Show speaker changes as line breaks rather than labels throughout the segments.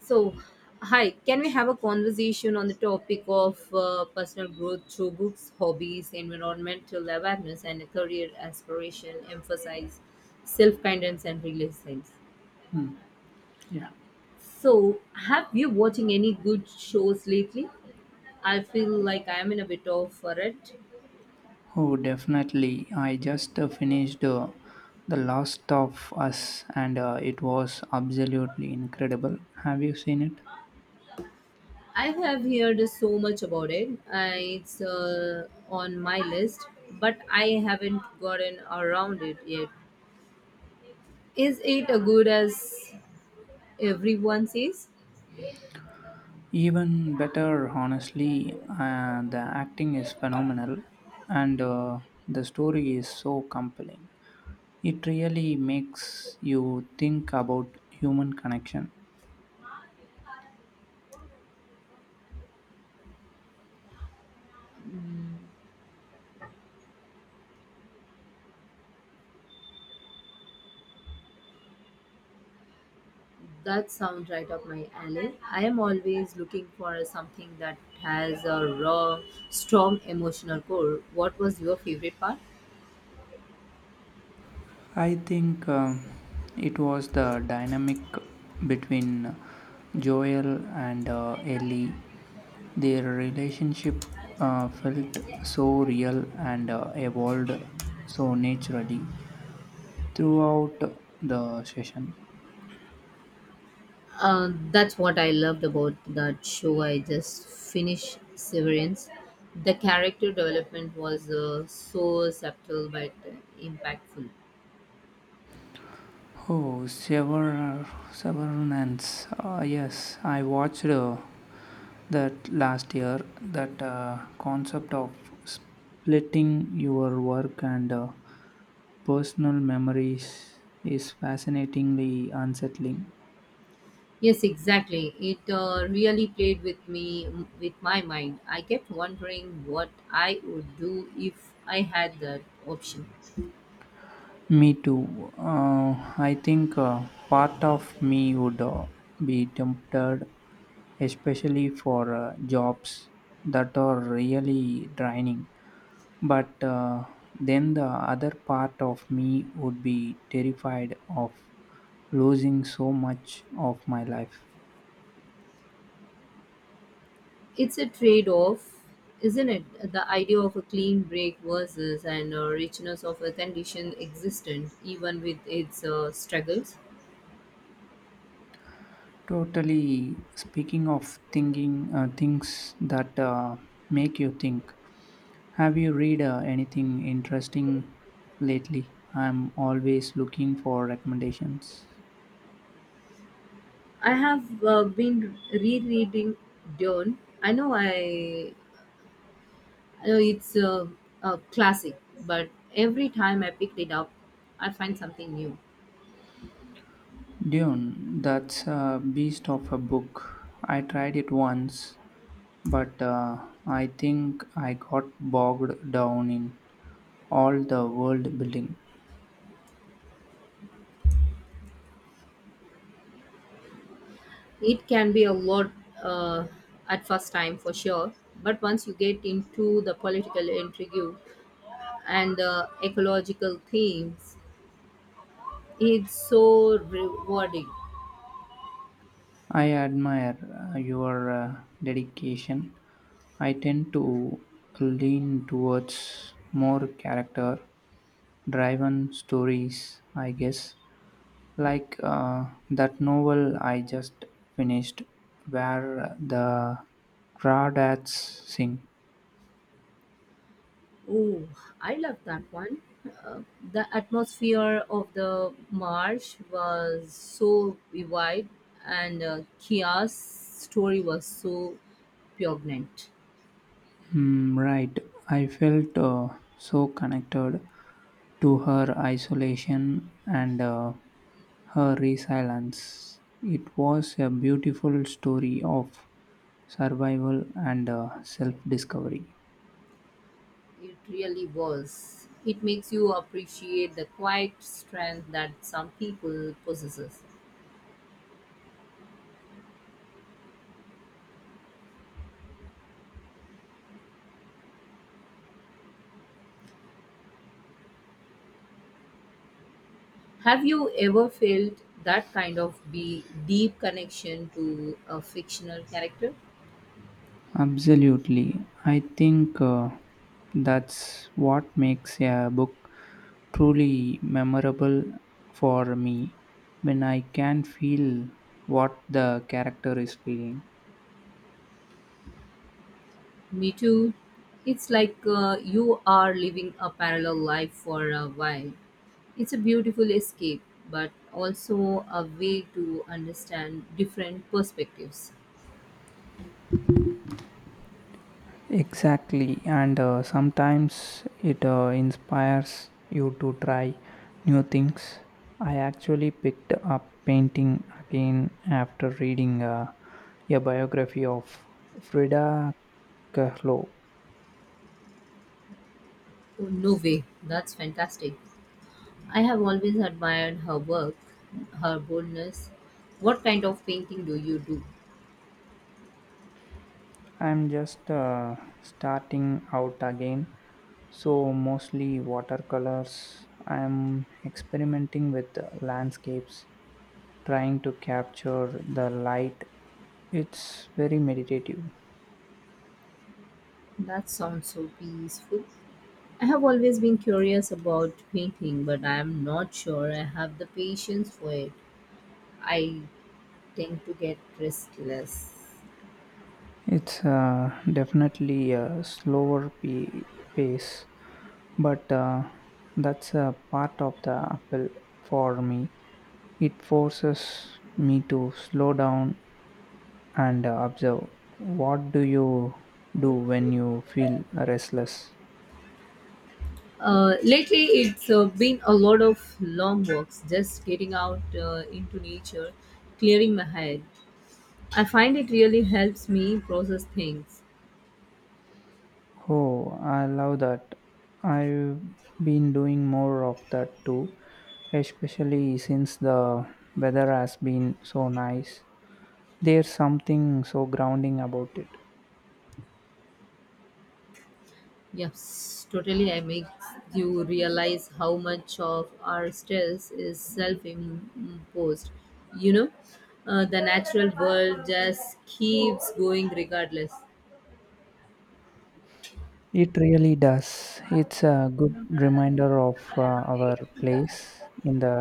So, hi, can we have a conversation on the topic of personal growth through books, hobbies, environmental awareness, and a career aspiration, emphasize self kindness and resilience?
Yeah.
So, have you watching any good shows lately? I feel like I am in a bit of a rut.
Oh, definitely. I just finished The Last of Us, and it was absolutely incredible. Have you seen it?
I have heard so much about it. It's on my list, but I haven't gotten around it yet. Is it a good as Everyone says
Even better, honestly. The acting is phenomenal, and the story is so compelling. It really makes you think about human connection.
that sounds right up my alley. I am always looking for something that has a raw, strong emotional core. What was your favorite part?
I think it was the dynamic between Joel and Ellie. Their relationship felt so real and evolved so naturally throughout the session.
That's what I loved about that show. I just finished Severance. The character development was so subtle but impactful.
Oh, Sever- Severance. Yes, I watched that last year. That concept of splitting your work and personal memories is fascinatingly unsettling.
Yes, exactly. It really played with me, with my mind. I kept wondering what I would do if I had that option.
Me too. I think part of me would be tempted, especially for jobs that are really draining. But then the other part of me would be terrified of losing so much of my life.
It's a trade off, isn't it? The idea of a clean break versus and richness of a condition existent, even with its struggles.
Totally. Speaking of thinking, things that make you think. Have you read anything interesting lately? I'm always looking for recommendations.
I have been rereading Dune. I know it's a classic, but every time I picked it up, I find something new.
Dune, that's a beast of a book. I tried it once, but I think I got bogged down in all the world building.
It can be a lot uh, at first time for sure, but once you get into the political intrigue and the ecological themes, it's so rewarding.
I admire your dedication. I tend to lean towards more character driven stories, I guess. Like that novel I just finished, where the crawdads sing.
Oh, I love that one. Uh, the atmosphere of the marsh was so vivid, and Kia's story was so poignant.
Hmm, right. I felt so connected to her isolation and her resilience. It was a beautiful story of survival and self discovery.
It really was. It makes you appreciate the quiet strength that some people possesses. Have you ever felt that kind of be deep connection to a fictional character?
Absolutely. I think that's what makes a book truly memorable for me, when I can feel what the character is feeling.
Me too. It's like you are living a parallel life for a while. It's a beautiful escape, but also a way to understand different perspectives.
Exactly, and sometimes it inspires you to try new things. I actually picked up painting again after reading a biography of Frida Kahlo.
Oh, no way. That's fantastic. I have always admired her work, her boldness. What kind of painting do you do?
I'm just starting out again, so mostly watercolors. I'm experimenting with landscapes, trying to capture the light. It's very meditative.
That sounds so peaceful. I have always been curious about painting, but I am not sure I have the patience for it. I tend to get restless.
It's definitely a slower pace, but that's a part of the appeal for me. It forces me to slow down and observe. What do you do when you feel restless?
Lately, it's been a lot of long walks, just getting out into nature, clearing my head. I find it really helps me process things.
Oh, I love that. I've been doing more of that too, especially since the weather has been so nice. There's something so grounding about it.
Yes, totally. I make you realize how much of our stress is self imposed. You know, the natural world just keeps going regardless.
It really does. It's a good reminder of our place in the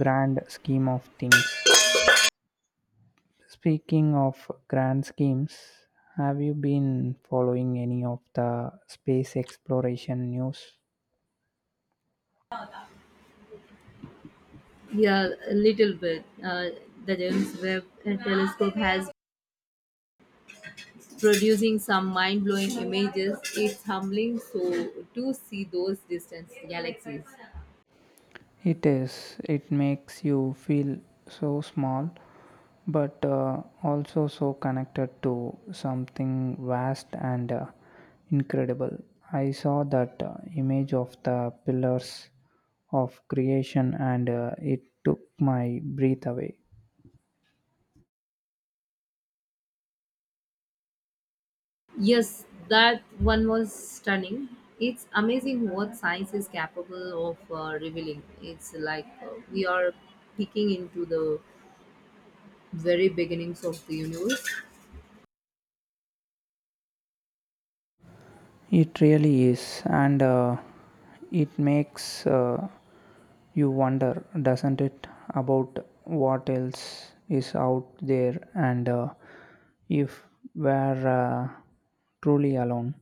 grand scheme of things. Speaking of grand schemes, have you been following any of the space exploration news?
Yeah, a little bit. The James Webb Telescope has producing some mind blowing images. It's humbling so to see those distant galaxies.
It is. It makes you feel so small, but also so connected to something vast and incredible. I saw that image of the pillars of creation, and it took my breath away.
Yes, that one was stunning. It's amazing what science is capable of revealing. It's like we are peeking into the very beginnings of the universe.
It really is, and it makes you wonder, doesn't it, about what else is out there and if we're truly alone.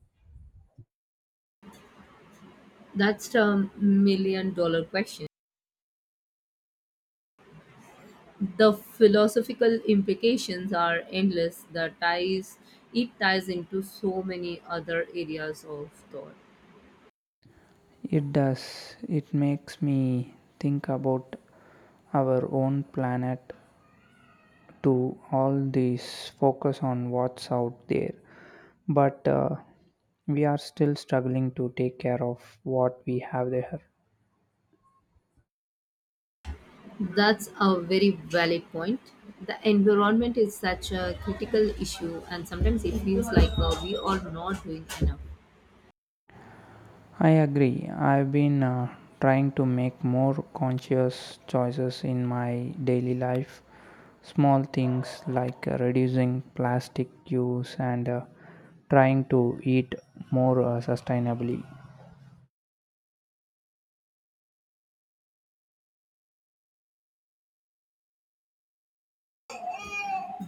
That's a million dollar question. The philosophical implications are endless. The ties it ties into so many other areas of thought.
It does. It makes me think about our own planet. To all this focus on what's out there, but we are still struggling to take care of what we have there.
That's a very valid point. The environment is such a critical issue, and sometimes it feels like we are not doing enough.
I agree. I've been trying to make more conscious choices in my daily life. Small things like reducing plastic use and trying to eat more sustainably.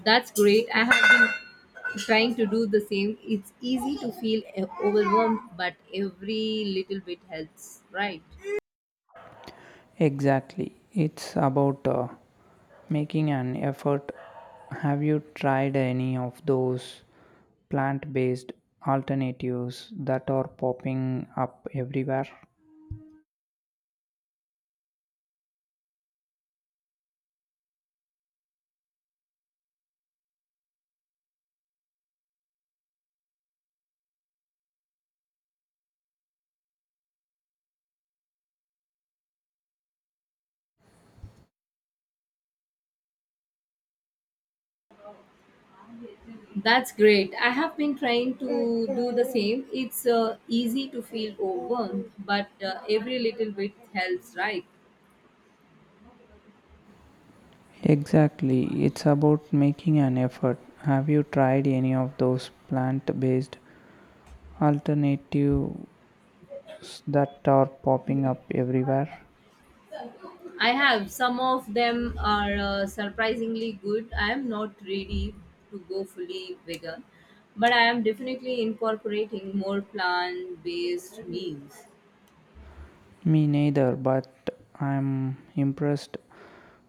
That's great. I have been trying to do the same. It's easy to feel overwhelmed, but every little bit helps, right?
Exactly. It's about making an effort. Have you tried any of those plant based alternatives that are popping up everywhere?
That's great. I have been trying to do the same. It's easy to feel overwhelmed, but every little bit helps, right?
Exactly, it's about making an effort. Have you tried any of those plant based alternatives that are popping up everywhere?
I have. Some of them are surprisingly good. I am not ready to go fully vegan, but I am definitely incorporating more plant based meals.
Me neither, but I'm impressed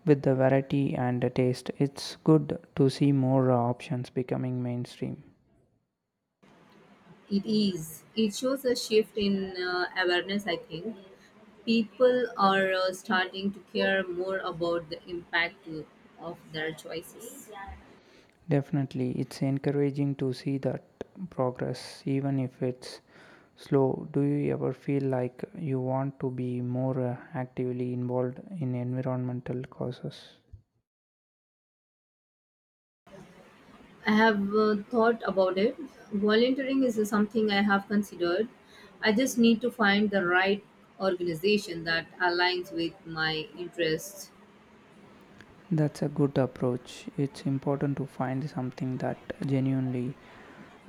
with the variety and the taste. It's good to see more options becoming mainstream.
It is. It shows a shift in awareness, I think. People are starting to care more about the impact to, of their choices.
Definitely, it's encouraging to see that progress, even if it's slow. Do you ever feel like you want to be more actively involved in environmental causes?
I have thought about it. Volunteering is something I have considered. I just need to find the right organization that aligns with my interests.
That's a good approach. It's important to find something that genuinely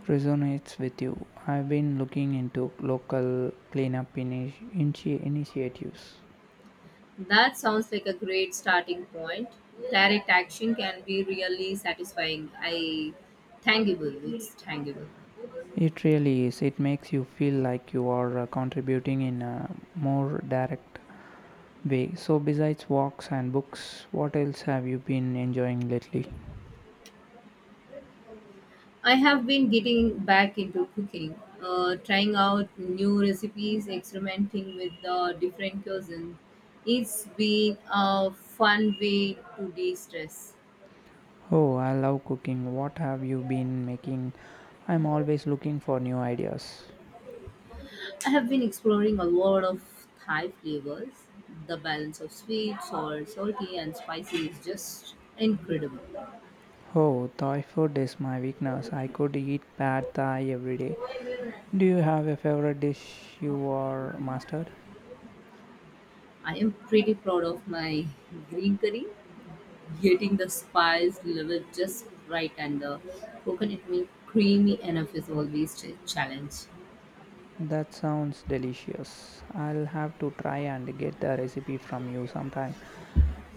resonates with you. I've been looking into local cleanup initiatives.
That sounds like a great starting point. Direct action can be really satisfying. I tangible. It's tangible.
It really is. It makes you feel like you are contributing in a more direct way. So, besides walks and books, what else have you been enjoying lately?
I have been getting back into cooking, trying out new recipes, experimenting with different cuisines. It's been a fun way to de stress.
Oh, I love cooking. What have you been making? I'm always looking for new ideas.
I have been exploring a lot of Thai flavors. The balance of sweet, sour, salty, and spicy is just incredible.
Oh, Thai food is my weakness. I could eat pad Thai every day. Do you have a favorite dish you are mastered?
I am pretty proud of my green curry. Getting the spice level just right and the coconut milk creamy enough is always a challenge.
That sounds delicious. I'll have to try and get the recipe from you sometime.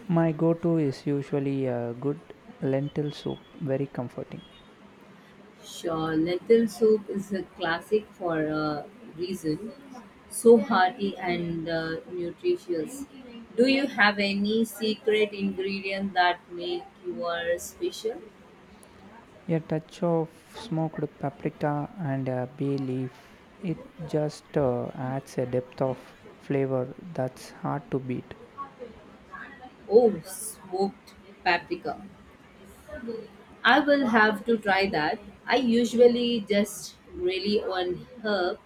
My go to is usually a good lentil soup, very comforting.
Sure, lentil soup is a classic for a reason. So hearty and nutritious. Do you have any secret ingredient that make your special?
A touch of smoked paprika and a bay leaf. It just adds a depth of flavor that's hard to beat.
Oh, smoked paprika. I will have to try that. I usually just rely on herb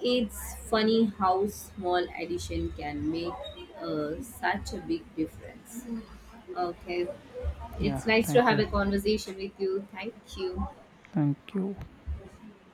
It's funny how small addition can make such a big difference. Okay,
Yeah,
it's nice to
thank
have
you.
a conversation with you. Thank you.
Thank you.